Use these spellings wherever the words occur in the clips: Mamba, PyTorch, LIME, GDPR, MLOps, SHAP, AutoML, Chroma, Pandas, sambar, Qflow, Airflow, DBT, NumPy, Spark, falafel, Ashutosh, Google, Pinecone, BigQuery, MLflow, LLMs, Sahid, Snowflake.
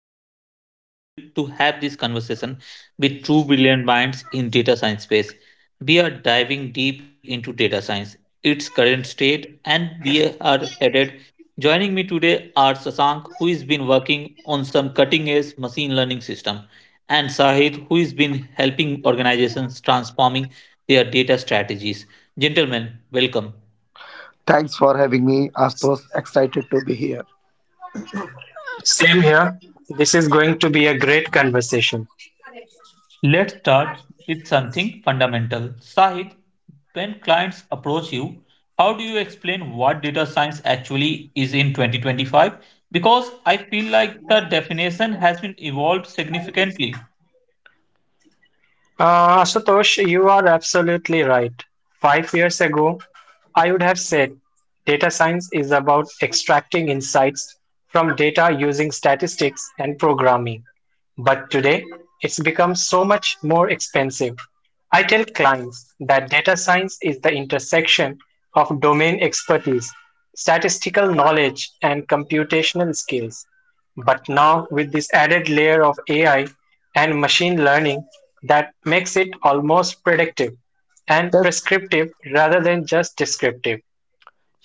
and I am thrilled to have this conversation with two brilliant minds in data science space. We are diving deep into data science, its current state, and we are headed. Joining me today are Sasank, who has been working on some cutting-edge machine learning system, and Sahid, who has been helping organizations transforming their data strategies. Gentlemen, welcome. Thanks for having me, Astos. Excited to be here. Same here. This is going to be a great conversation. Let's start with something fundamental. Sahid, when clients approach you, how do you explain what data science actually is in 2025? Because I feel like the definition has been evolved significantly. Ashutosh, you are absolutely right. 5 years ago, I would have said data science is about extracting insights from data using statistics and programming. But today, it's become so much more expensive. I tell clients that data science is the intersection of domain expertise, statistical knowledge, and computational skills. But now with this added layer of AI and machine learning that makes it almost predictive and Yes, prescriptive rather than just descriptive.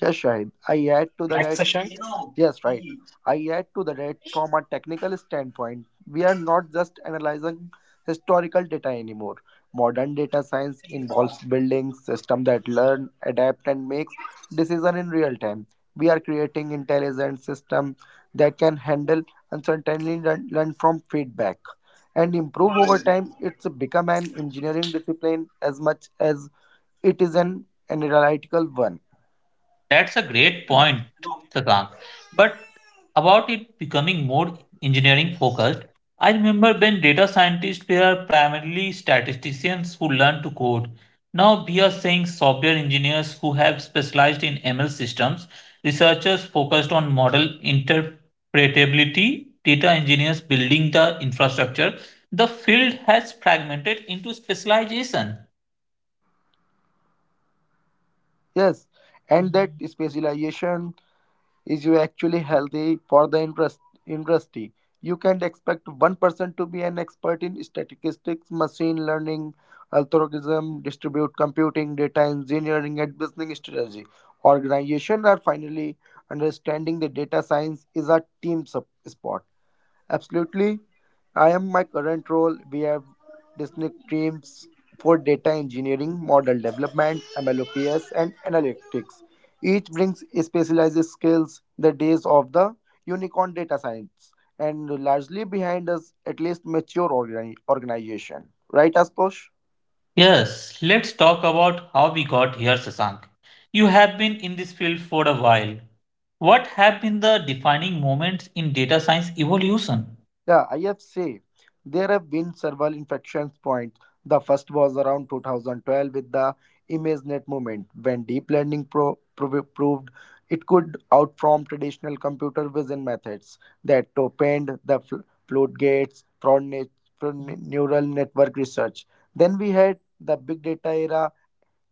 yes, Shahid. I add to the Right, that. Sashank? Yes, right. I add to the that from a technical standpoint. We are not just analyzing historical data anymore. Modern data science involves building systems that learn, adapt, and makes decision in real time. We are creating intelligent system that can handle uncertainty, learn from feedback, and improve over time. It's become an engineering discipline as much as it is an analytical one. That's a great point, Sakant. But about it becoming more engineering focused, I remember when data scientists were primarily statisticians who learned to code. Now we are seeing software engineers who have specialized in ML systems, researchers focused on model interpretability, data engineers building the infrastructure. The field has fragmented into specialization. Yes, and that specialization is you actually healthy for the interest industry. You can expect one person to be an expert in statistics, machine learning algorithm, distribute computing, data engineering, and business strategy. Organization are finally understanding the data science is a team sport. Absolutely. I am my current role. We have distinct teams for data engineering, model development, MLOps, and analytics. Each brings specialized skills. The days of the unicorn data science and largely behind us, at least mature organization. Right, Asposh? Yes, let's talk about how we got here, Sasank. You have been in this field for a while. What have been the defining moments in data science evolution? Yeah, I have IFC. There have been several infection points. The first was around 2012 with the ImageNet movement, when deep learning proved it could outperform traditional computer vision methods that opened the floodgates for neural network research. Then we had the big data era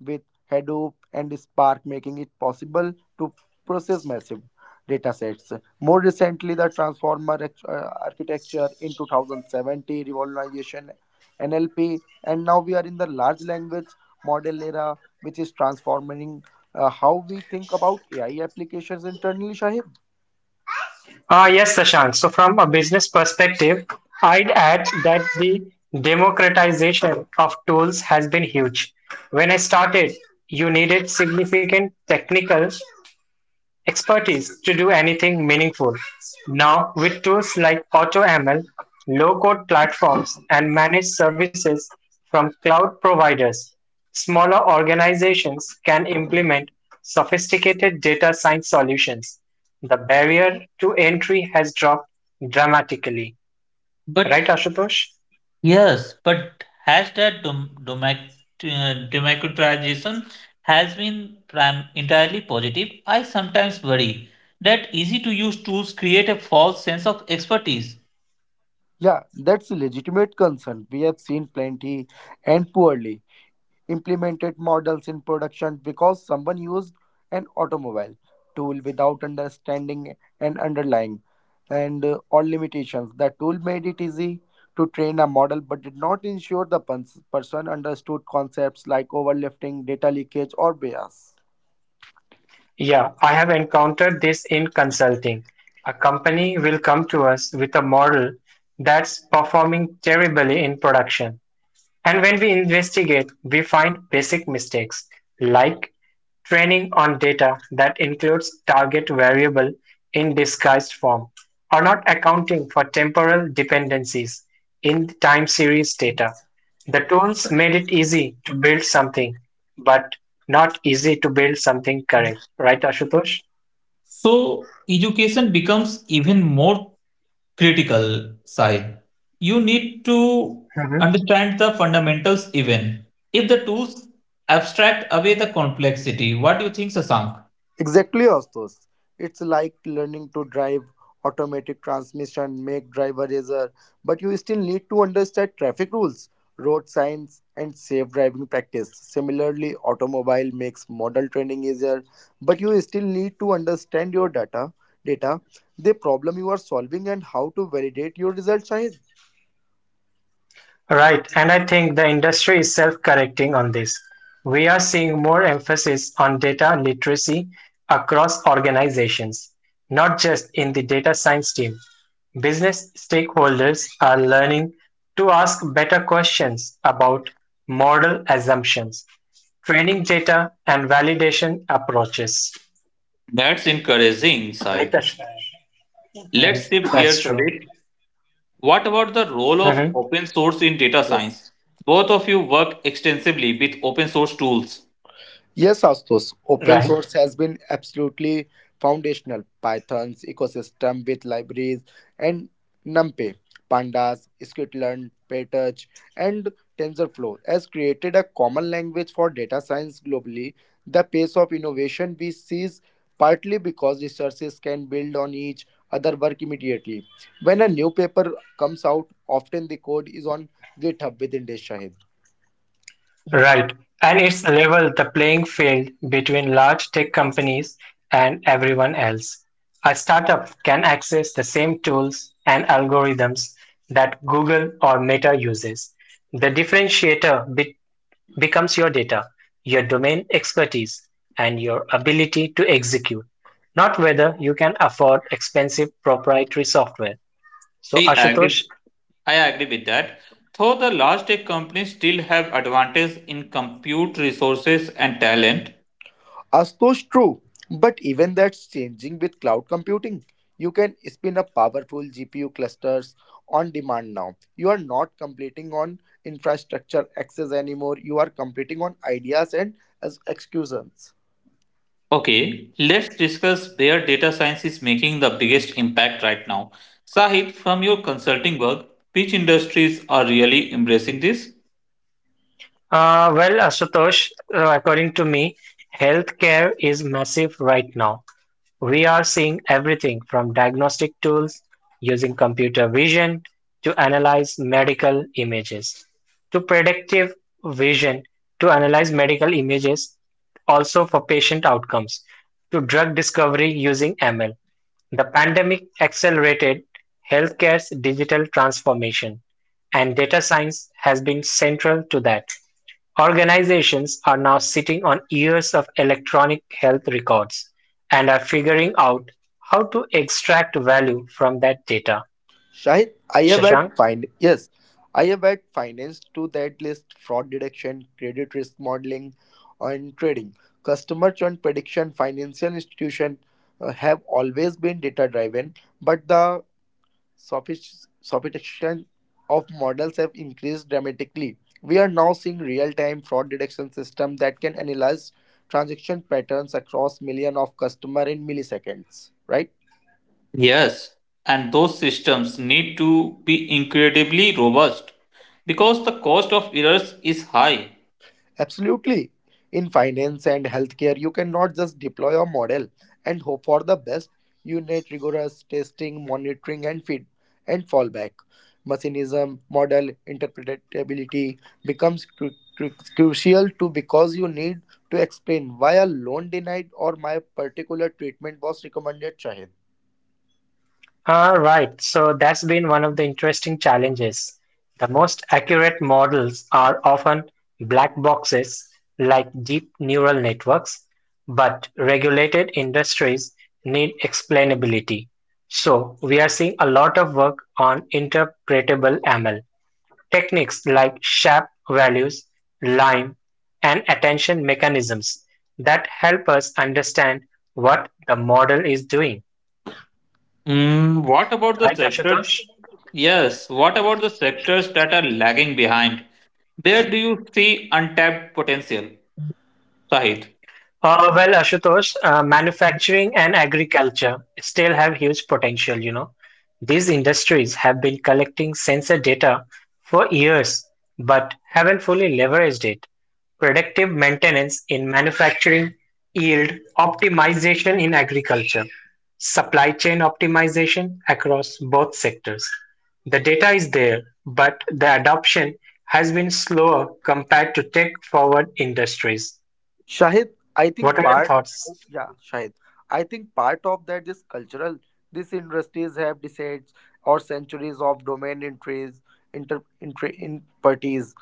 with Hadoop and Spark, making it possible to process massive data sets. More recently, the transformer architecture in 2070, revolutionization NLP, and now we are in the large language model era, which is transforming how we think about AI applications internally, Shahid. Yes, Sashank. So, from a business perspective, I'd add that the democratization of tools has been huge. When I started, you needed significant technical expertise to do anything meaningful. Now, with tools like AutoML, low-code platforms, and managed services from cloud providers, smaller organizations can implement sophisticated data science solutions. The barrier to entry has dropped dramatically. But Right, Ashutosh? yes, but has that democratization has been entirely positive? I sometimes worry that easy to use tools create a false sense of expertise. Yeah, that's a legitimate concern. We have seen plenty and poorly implemented models in production because someone used an automobile tool without understanding and underlying and all limitations. The tool made it easy to train a model but did not ensure the person understood concepts like overlifting, data leakage, or bias. Yeah, I have encountered this in consulting. A company will come to us with a model that's performing terribly in production. And when we investigate, we find basic mistakes like training on data that includes target variable in disguised form or not accounting for temporal dependencies in time series data. The tools made it easy to build something, but not easy to build something correct. Right, Ashutosh? So education becomes even more critical side. You need to Mm-hmm. understand the fundamentals even. If the tools abstract away the complexity, what do you think, Sasank? Exactly, Astos. It's like learning to drive automatic transmission, make driver error, but you still need to understand traffic rules, road signs, and safe driving practice. Similarly, automobile makes model training easier, but you still need to understand your data, the problem you are solving, and how to validate your results. Shahid. Right, and I think the industry is self-correcting on this. We are seeing more emphasis on data literacy across organizations, not just in the data science team. Business stakeholders are learning to ask better questions about model assumptions, training data, and validation approaches. That's encouraging insight. Let's Mhm. shift That's gears a true. bit. What about the role of Mhm. open source in data science? Yes. Both of you work extensively with open source tools. Yes, Astos, open Right. source has been absolutely foundational. Python's ecosystem with libraries and NumPy, Pandas, Scikit-learn, PyTorch, and TensorFlow has created a common language for data science globally. The pace of innovation we see is partly because researchers can build on each other work immediately. When a new paper comes out, often the code is on GitHub within days. Right. And it's level the playing field between large tech companies and everyone else. A startup can access the same tools and algorithms that Google or Meta uses. The differentiator becomes your data, your domain expertise, and your ability to execute, not whether you can afford expensive proprietary software. So, I agree. Ashutosh, I agree with that. Though the large tech companies still have advantage in compute resources and talent. As those true, but even that's changing with cloud computing. You can spin up powerful GPU clusters on demand now. You are not competing on infrastructure access anymore. You are competing on ideas and as executions. Okay, let's discuss where data science is making the biggest impact right now. Sahid, from your consulting work, which industries are really embracing this? Ashutosh, according to me, healthcare is massive right now. We are seeing everything from diagnostic tools using computer vision to analyze medical images to predictive vision to analyze medical images also for patient outcomes to drug discovery using ML. The pandemic accelerated healthcare's digital transformation, and data science has been central to that. Organizations are now sitting on years of electronic health records and are figuring out how to extract value from that data. Shahid, I have had Shashank? find yes, I have had finance to that list: fraud detection, credit risk modeling, and trading. Customer churn prediction, financial institution have always been data driven, but the sophistication of models have increased dramatically. We are now seeing real-time fraud detection systems that can analyze transaction patterns across millions of customers in milliseconds, right? Yes, and those systems need to be incredibly robust because the cost of errors is high. Absolutely. In finance and healthcare, you cannot just deploy a model and hope for the best. You need rigorous testing, monitoring, and feed and fallback. Machinism, model interpretability becomes crucial too, because you need to explain why a loan denied or my particular treatment was recommended. Shahid. All right, so that's been one of the interesting challenges. The most accurate models are often black boxes like deep neural networks, but regulated industries need explainability. So we are seeing a lot of work on interpretable ML techniques like sharp values, lime, and attention mechanisms that help us understand what the model is doing. Mm, what about the Right, sectors? Ashutosh? Yes, what about the sectors that are lagging behind? Where do you see untapped potential, Sahid? Ashutosh, manufacturing and agriculture still have huge potential, you know. These industries have been collecting sensor data for years, but haven't fully leveraged it. Predictive maintenance in manufacturing, yield optimization in agriculture, supply chain optimization across both sectors. The data is there, but the adoption has been slower compared to tech-forward industries. Shahid, I think What are your part. thoughts? Yeah, Shahid. I think part of that is cultural. These industries have decades or centuries of domain interests, in parties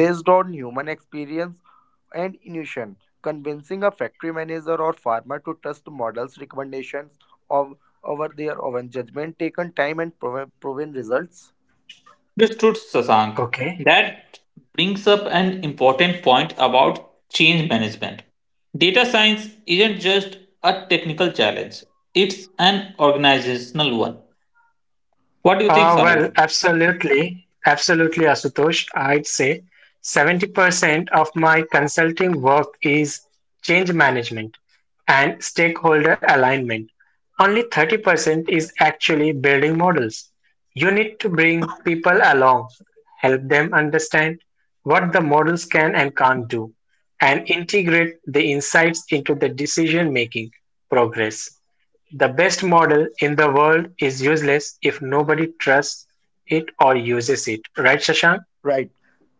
based on human experience and intuition. Convincing a factory manager or farmer to trust models' recommendations of over their own judgment taken time and proven results. Understood, Sasank. Okay. That brings up an important point about change management. Data science isn't just a technical challenge, it's an organizational one. What do you think, Sai? Absolutely, Asutosh. I'd say 70% of my consulting work is change management and stakeholder alignment. Only 30% is actually building models. You need to bring people along, help them understand what the models can and can't do, and integrate the insights into the decision making progress. The best model in the world is useless if nobody trusts it or uses it. Right, Shashank? Right,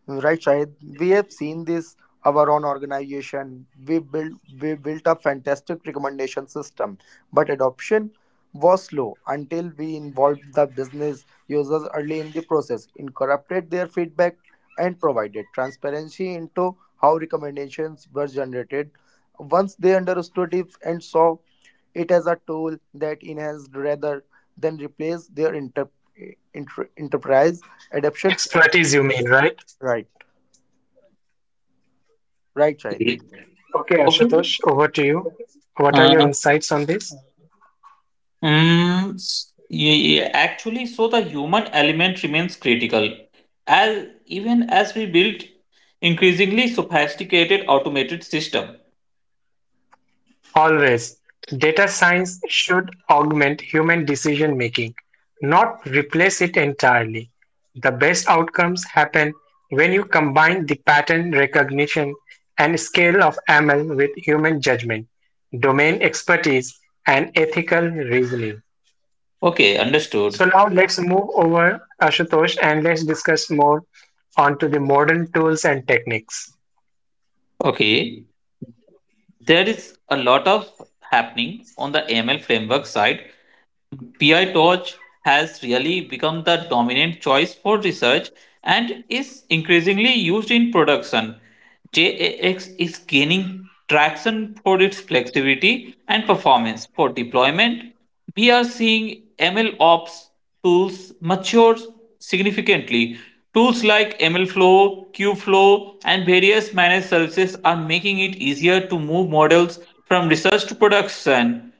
right, Shahid. We have seen this our own organization. We built a fantastic recommendation system, but adoption was slow until we involved the business users early in the process, incorporated their feedback, and provided transparency into how recommendations were generated. Once they understood it and saw it as a tool that enhanced rather than replaced their enterprise adoption. Expertise, you mean, right? Right. Right, right. Okay, Okay. Ashutosh, over to you. What are your Uh, insights on this? Actually, so the human element remains critical. As even as we build increasingly sophisticated automated system. Always, data science should augment human decision making, not replace it entirely. The best outcomes happen when you combine the pattern recognition and scale of ML with human judgment, domain expertise, and ethical reasoning. Okay, understood. So now let's move over Ashutosh and let's discuss more onto the modern tools and techniques. Okay. There is a lot of happening on the ML framework side. PyTorch has really become the dominant choice for research and is increasingly used in production. JAX is gaining traction for its flexibility and performance for deployment. We are seeing ML ops tools mature significantly. Tools like MLflow, Qflow, and various managed services are making it easier to move models from research to production.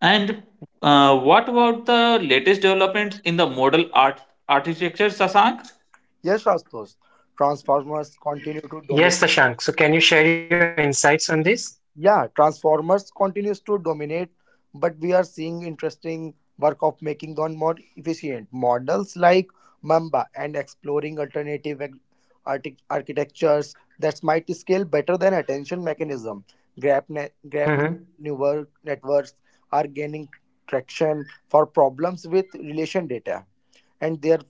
And what about the latest developments in the model art architecture, Sasank? Yes, Rastos. Transformers continue to dominate. Yes, Tashank. So can you share your insights on this? Yeah, Transformers continues to dominate, but we are seeing interesting work of making them more efficient. Models like Mamba and exploring alternative architectures that might scale better than attention mechanism. Grab Hmm. neural networks are gaining traction for problems with relation data and their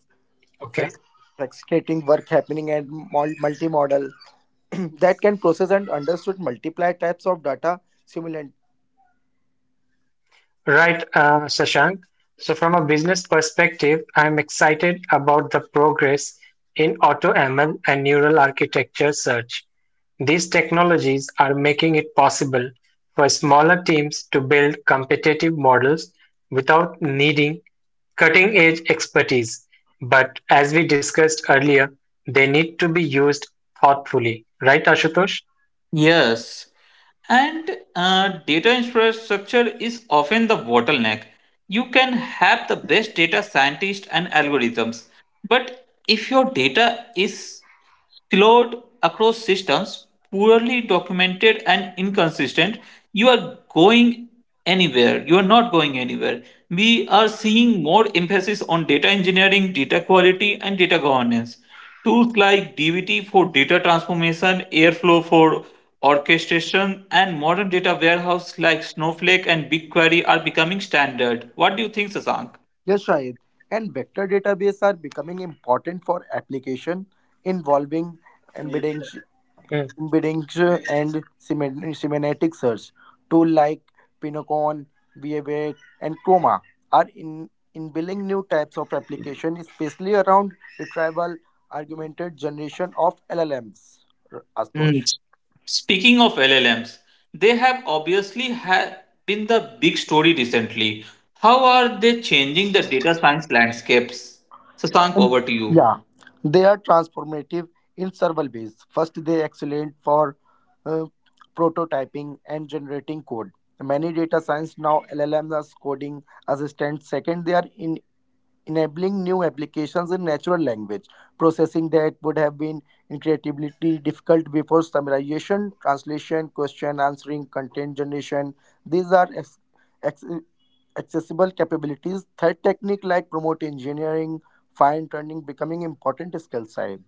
Okay. fac- fascinating work happening at multi-modal that can process and understood multiply types of data simultaneously. Right, Shashank. So, from a business perspective, I'm excited about the progress in AutoML and neural architecture search. These technologies are making it possible for smaller teams to build competitive models without needing cutting edge expertise. But as we discussed earlier, they need to be used thoughtfully. Right, Ashutosh? Yes. And data infrastructure is often the bottleneck. You can have the best data scientists and algorithms, but if your data is flawed across systems, poorly documented and inconsistent, you are going You are not going anywhere. We are seeing more emphasis on data engineering, data quality, and data governance. Tools like DBT for data transformation, Airflow for orchestration, and modern data warehouse like Snowflake and BigQuery are becoming standard. What do you think, Sasank? Yes, Shahid. And vector database are becoming important for application involving embedding, embedding and semantic search. Tool like Pinocon, VA8, and Chroma are in inbuilding new types of application, especially around retrieval augmented generation of LLMs. R- Astosh. Speaking of LLMs, they have obviously been the big story recently. How are they changing the data science landscapes? Sasank, And, over to you. yeah, they are transformative in several ways. First, they excellent for uh, prototyping and generating code. Many data science now LLMs are coding assistants. Second, they are in enabling new applications in natural language processing that would have been incredibly difficult before: summarization, translation, question answering, content generation. These are ex- accessible capabilities. Third, technique like prompt engineering, fine tuning becoming important skill side.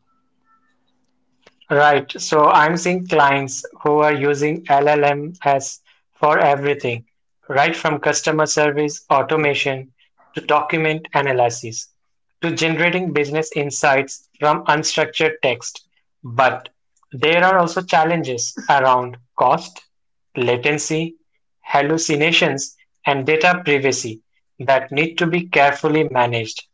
Right. So I'm seeing clients who are using LLMs for everything, right from customer service Yes, automation to document analysis to generating business insights from unstructured text. But there are also challenges around cost, latency, hallucinations, and data privacy that need to be carefully managed,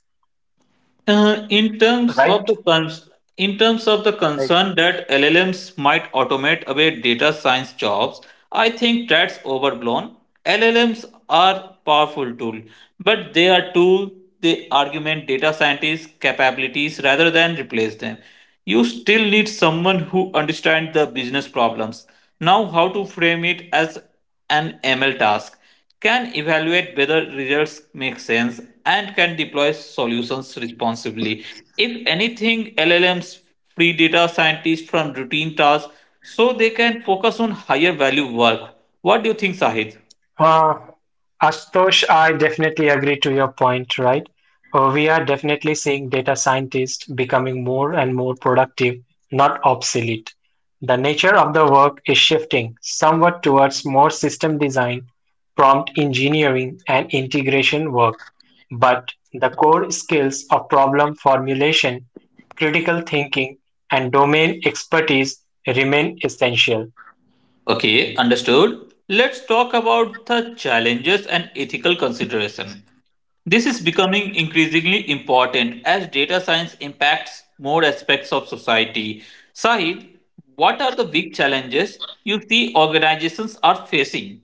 In terms of right? the cons- in terms of the I. concern that LLMs might automate away data science jobs, I think that's overblown. LLMs are powerful tool, but they are tool they augment data scientists' capabilities rather than replace them. You still need someone who understands the business problems. Now, how to frame it as an ML task can evaluate whether results make sense and can deploy solutions responsibly. If anything, LLMs free data scientists from routine tasks so they can focus on higher value work. What do you think, Sahid? Uh, Ashutosh, I definitely agree to your point, right? We are definitely seeing data scientists becoming more and more productive, not obsolete. The nature of the work is shifting somewhat towards more system design, prompt engineering, and integration work. But the core skills of problem formulation, critical thinking, and domain expertise remain essential. Okay, understood. Let's talk about the challenges and ethical consideration. This is becoming increasingly important as data science impacts more aspects of society. Sahid, what are the big challenges you see organizations are facing?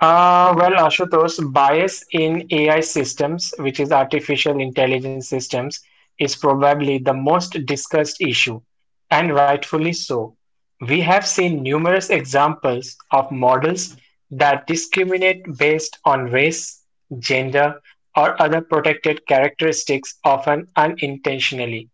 Ashutosh, bias in AI systems, which is artificial intelligence systems, is probably the most discussed issue, and rightfully so. We have seen numerous examples of models that discriminate based on race, gender, or other protected characteristics, often unintentionally.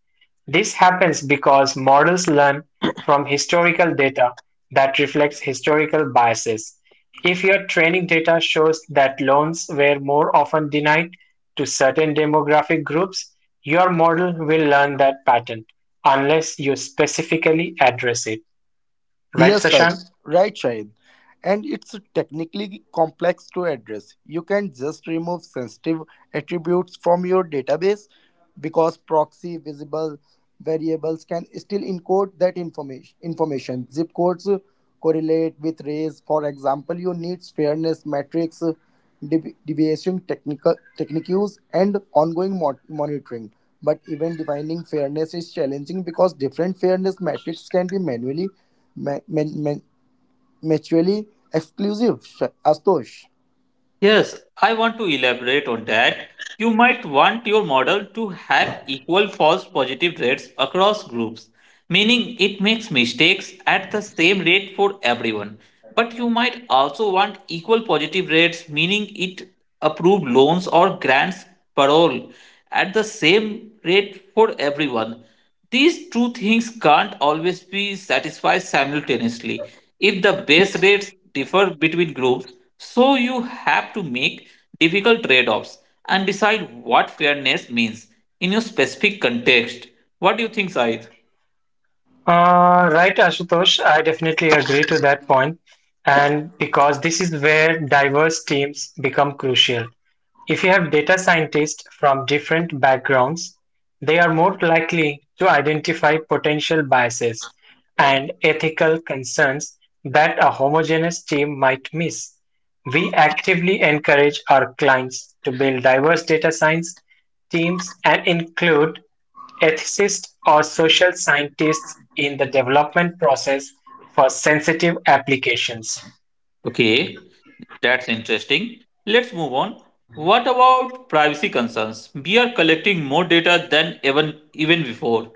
This happens because models learn from historical data that reflects historical biases. If your training data shows that loans were more often denied to certain demographic groups, your model will learn that pattern unless you specifically address it. Right, Yes, Sashank? right, Right, Shahid. And it's technically complex to address. You can just remove sensitive attributes from your database because proxy visible variables can still encode that information. Information zip codes correlate with race. For example, you need fairness metrics, deviation technical techniques, and ongoing monitoring. But even defining fairness is challenging because different fairness metrics can be manually may- may- may- mutually exclusive, Ashutosh. Yes, I want to elaborate on that. You might want your model to have equal false positive rates across groups meaning it makes mistakes at the same rate for everyone. But you might also want equal positive rates, meaning it approve loans or grants parole at the same rate for everyone. These two things can't always be satisfied simultaneously. If the base rates differ between groups, so you have to make difficult trade offs and decide what fairness means in your specific context. What do you think, Said? Right, Ashutosh, I definitely agree to that point, and because this is where diverse teams become crucial. If you have data scientists from different backgrounds, they are more likely to identify potential biases and ethical concerns that a homogeneous team might miss. We actively encourage our clients to build diverse data science teams and include Ethicists or social scientists in the development process for sensitive applications. Okay, that's interesting. Let's move on. What about privacy concerns? We are collecting more data than even before.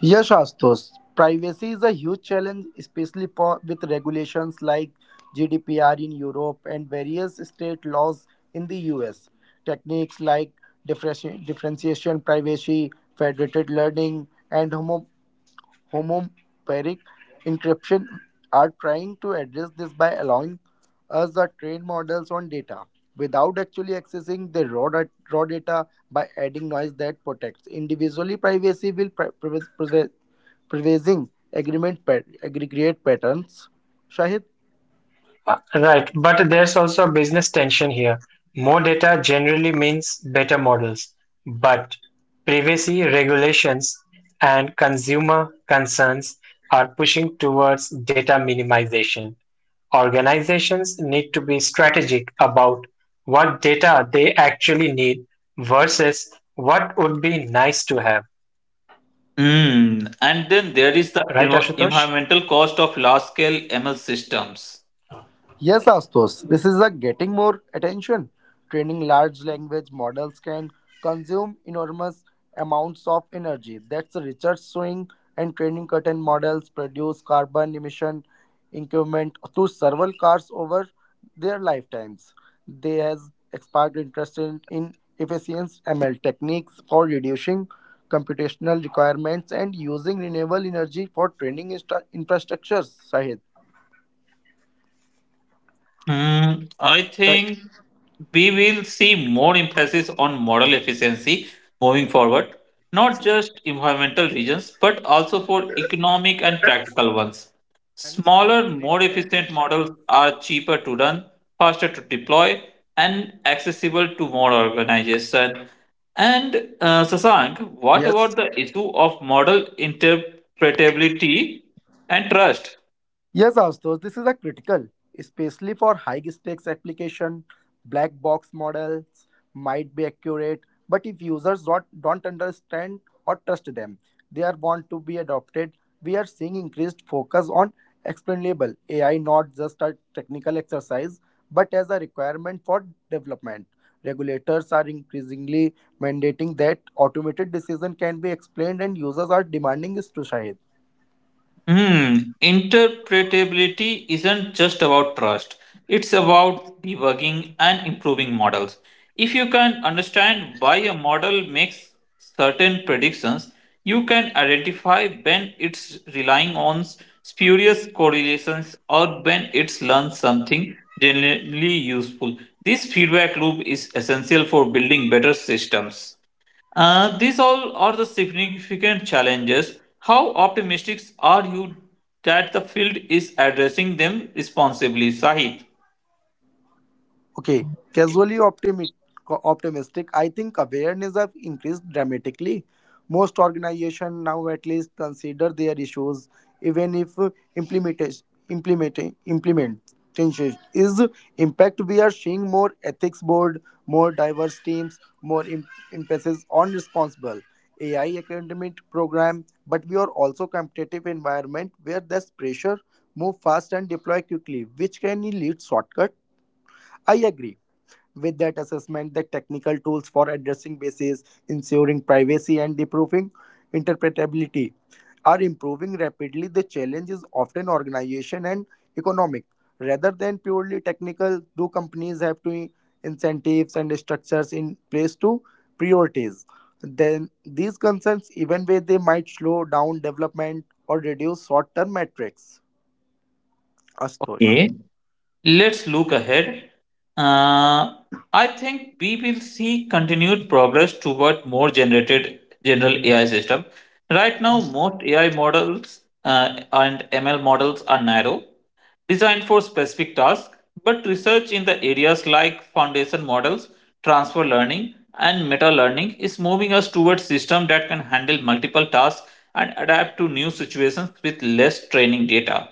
Yes, Ashutosh. Privacy is a huge challenge, especially for with regulations like GDPR in Europe and various state laws in the US. Techniques like differentiation privacy, federated learning, and homomeric encryption are trying to address this by allowing us to train models on data without actually accessing the raw data by adding noise that protects individually privacy will preserving agreement aggregate patterns. Shahid? Right, but there's also a business tension here. More data generally means better models, but privacy regulations and consumer concerns are pushing towards data minimization. Organizations need to be strategic about what data they actually need versus what would be nice to have. Hmm. Right, And then there is Ashutosh? the environmental cost of large-scale ML systems. Yes, Astos, this is a getting more attention. Training large language models can consume enormous amounts of energy. That's the research showing, and training curtain models produce carbon emission increment to several cars over their lifetimes. They has sparked interest in efficient ML techniques for reducing computational requirements and using renewable energy for training infrastructures. Sahid, Mm, I right? think we will see more emphasis on model efficiency moving forward, not just environmental reasons, but also for economic and practical ones. Smaller, more efficient models are cheaper to run, faster to deploy, and accessible to more organizations. And Sasank, what Yes. about the issue of model interpretability and trust? Yes, Astos, this is a critical, especially for high stakes application. Black box models might be accurate, but if users don't understand or trust them, they are want to be adopted. We are seeing increased focus on explainable AI, not just a technical exercise, but as a requirement for development. Regulators are increasingly mandating that automated decision can be explained, and users are demanding this to Shahid. Hmm. Interpretability isn't just about trust, it's about debugging and improving models. If you can understand why a model makes certain predictions, you can identify when it's relying on spurious correlations or when it's learned something generally useful. This feedback loop is essential for building better systems. These all are the significant challenges. How optimistic are you that the field is addressing them responsibly, Sahith? Okay, casually optimistic. I think awareness have increased dramatically. Most organizations now at least consider their issues, even if implementation implementation is impact. We are seeing more ethics board, more diverse teams, more emphasis on responsible AI academic program. But we are also competitive environment where there's pressure move fast and deploy quickly, which can lead shortcut. I agree with that assessment. The technical tools for addressing bases, ensuring privacy, and improving interpretability are improving rapidly. The challenge is often organization and economic rather than purely technical. Do companies have to incentives and structures in place to prioritize? Then these concerns, even where they might slow down development or reduce short-term metrics. Astosh. Okay, let's look ahead. Uh, I think we will see continued progress toward more generated general AI system. Right now, most AI models and ML models are narrow, designed for specific tasks, but research in the areas like foundation models, transfer learning, and meta learning is moving us towards systems that can handle multiple tasks and adapt to new situations with less training data.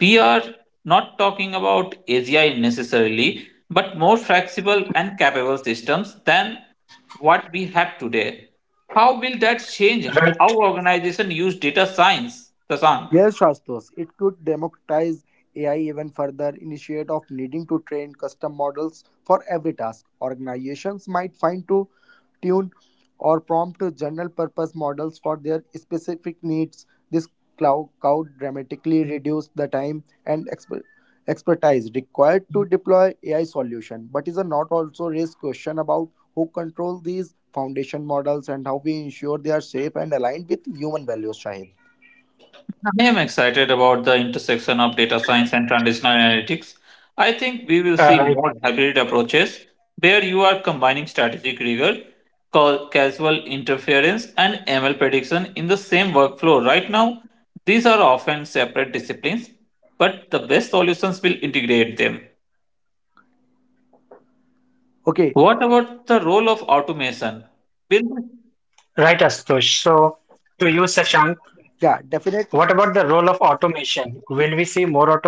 We are not talking about AGI necessarily, but more flexible and capable systems than what we have today. How will that change Right, how organizations use data science, Sasan? Yes, Shastos, it could democratize AI even further. Instead of needing to train custom models for every task, organizations might fine to tune or prompt to general purpose models for their specific needs. This cloud could dramatically reduce the time and expertise required to deploy AI solution. But is a not also raise question about who control these foundation models and how we ensure they are safe and aligned with human values, Shahid? I am excited about the intersection of data science and traditional analytics. I think we right, will see more hybrid approaches where you are combining strategic rigor, casual interference, and ML prediction in the same workflow. Right now, these are often separate disciplines, but the best solutions will integrate them. Okay, What about the role of automation? right, Will Ashutosh. So, to you, Sashank, what about yeah the role of definitely automation? Will we see more autonomous system?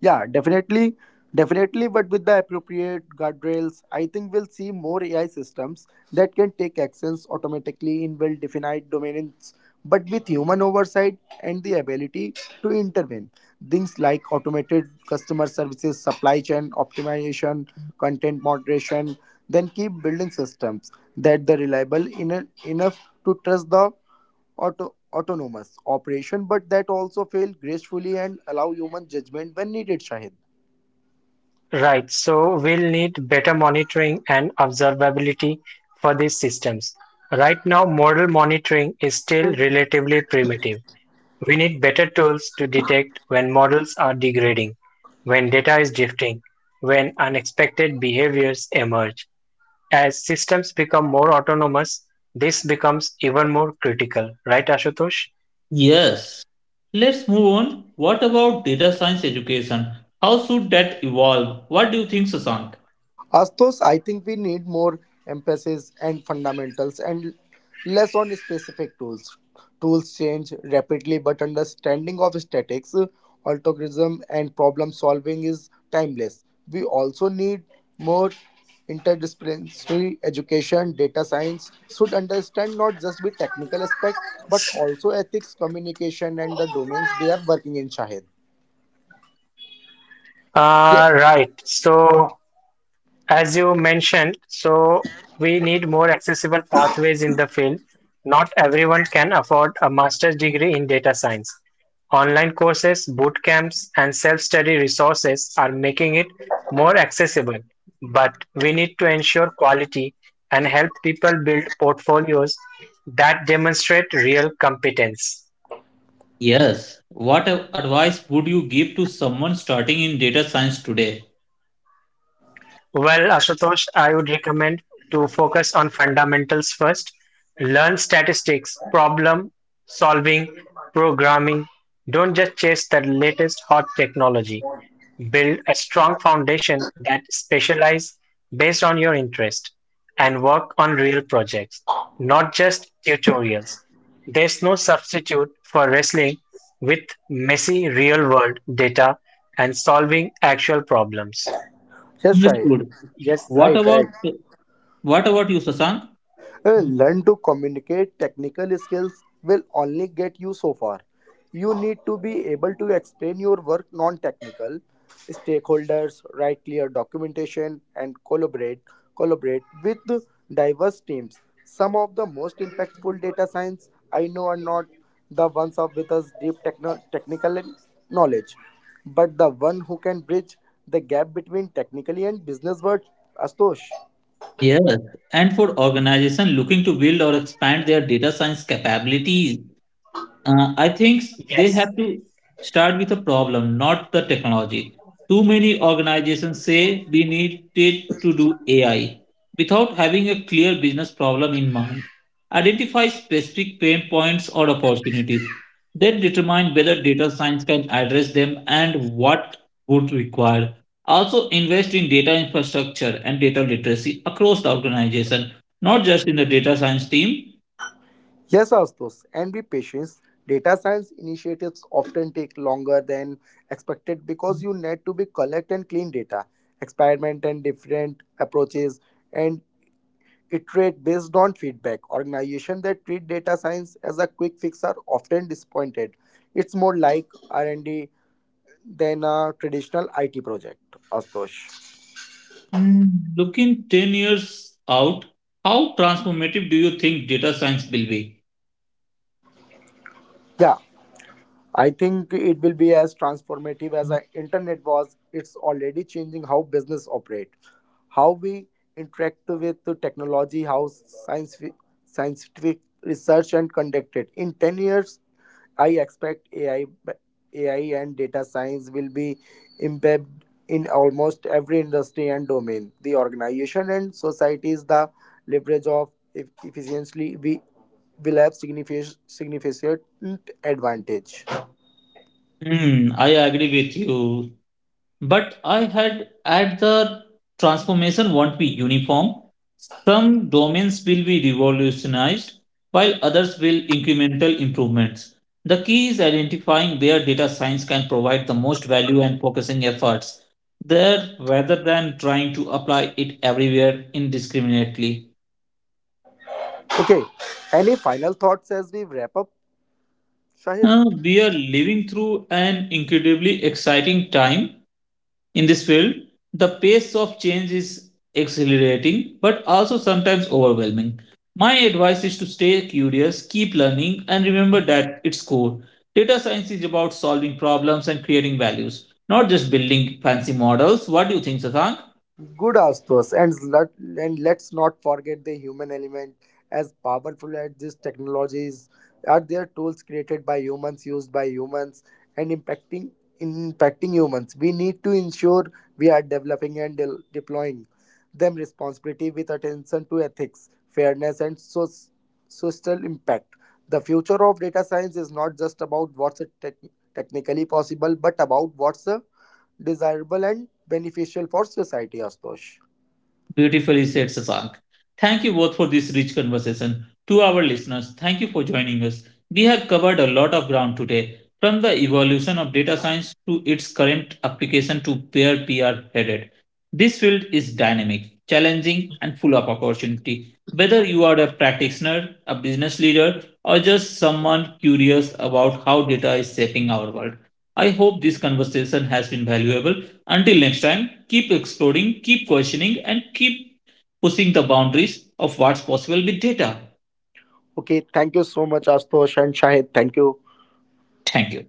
yeah definitely definitely, but with the appropriate guardrails. I think we'll see more AI systems that can take actions automatically in well defined domains, but with human oversight and the ability to intervene. Things like automated customer services, supply chain optimization, content moderation. Then keep building systems that are reliable in enough to trust the autonomous operation, but that also fail gracefully and allow human judgment when needed, Shahid. Right, so we'll need better monitoring and observability for these systems. Right now, model monitoring is still relatively primitive. We need better tools to detect when models are degrading, when data is drifting, when unexpected behaviors emerge. As systems become more autonomous, this becomes even more critical, right, Ashutosh? yes. Let's move on. What about data science education? How should that evolve? What do you think, Sasank? Astos, I think we need more emphasis and fundamentals and less on specific tools. Tools change rapidly, but understanding of statics, algorithm, and problem solving is timeless. We also need more interdisciplinary education. Data science should understand not just the technical aspect, but also ethics, communication, and the domains they are working in. Shahid. Yeah. Uh, right. So As you mentioned, we need more accessible pathways in the field. Not everyone can afford a master's degree in data science. Online courses, boot camps, and self study resources are making it more accessible, but we need to ensure quality and help people build portfolios that demonstrate real competence. Yes. What advice would you give to someone starting in data science today? Well, Ashutosh, I would recommend to focus on fundamentals first. Learn statistics, problem solving, programming. Don't just chase the latest hot technology. Build a strong foundation that specialize based on your interest and work on real projects, not just tutorials. There's no substitute for wrestling with messy real world data and solving actual problems. Yes, Shahid. Understood. Yes, What Right, right. about what about you, Sasank? Learn to communicate. Technical skills will only get you so far. You need to be able to explain your work non technical stakeholders, write clear documentation, and collaborate with diverse teams. Some of the most impactful data science I know are not the ones of with us deep technical knowledge, but the one who can bridge the gap between technically and business world. Astosh. Yes. And for organization looking to build or expand their data science capabilities. I think they Yes have to start with a problem, not the technology. Too many organizations say we need it to do AI without having a clear business problem in mind. Identify specific pain points or opportunities, then determine whether data science can address them and what would require. Also, invest in data infrastructure and data literacy across the organization, not just in the data science team. Yes, Astos, and be patient. Data science initiatives often take longer than expected because you need to be collect and clean data, experiment and different approaches, and iterate based on feedback. Organizations that treat data science as a quick fix are often disappointed. It's more like R&D than a traditional IT project, Astos. Mm, looking 10 years out, how transformative do you think data science will be? Yeah. I think it will be as transformative as the internet was. It's already changing how business operate, how we interact with the technology, how science scientific research and conducted. In 10 years, I expect AI and data science will be embedded in almost every industry and domain. The organization and societies, the leverage of efficiently, we will have significant advantage. Hmm, I agree with you. But I had at the transformation won't be uniform. Some domains will be revolutionized, while others will incremental improvements. The key is identifying where data science can provide the most value and focusing efforts there rather than trying to apply it everywhere indiscriminately. Okay, any final thoughts as we wrap up, Shahid? We are living through an incredibly exciting time in this field. The pace of change is accelerating, but also sometimes overwhelming. My advice is to stay curious, keep learning, and remember that its core. Data science is about solving problems and creating values, not just building fancy models. What do you think, Sasan? Good Astos, and let's not forget the human element. As powerful as these technologies are, their tools created by humans, used by humans, and impacting humans. We need to ensure we are developing and deploying them responsibility with attention to ethics, fairness, and social impact. The future of data science is not just about what's technically possible, but about what's desirable and beneficial for society, Astosh. Beautifully said, Sasank. Thank you both for this rich conversation. To our listeners, thank you for joining us. We have covered a lot of ground today, from the evolution of data science to its current application to where we are headed. This field is dynamic, challenging, and full of opportunity. Whether you are a practitioner, a business leader, or just someone curious about how data is shaping our world, I hope this conversation has been valuable. Until next time, keep exploring, keep questioning, and keep pushing the boundaries of what's possible with data. Okay, thank you so much, Astosh and Shahid. Thank you. Thank you.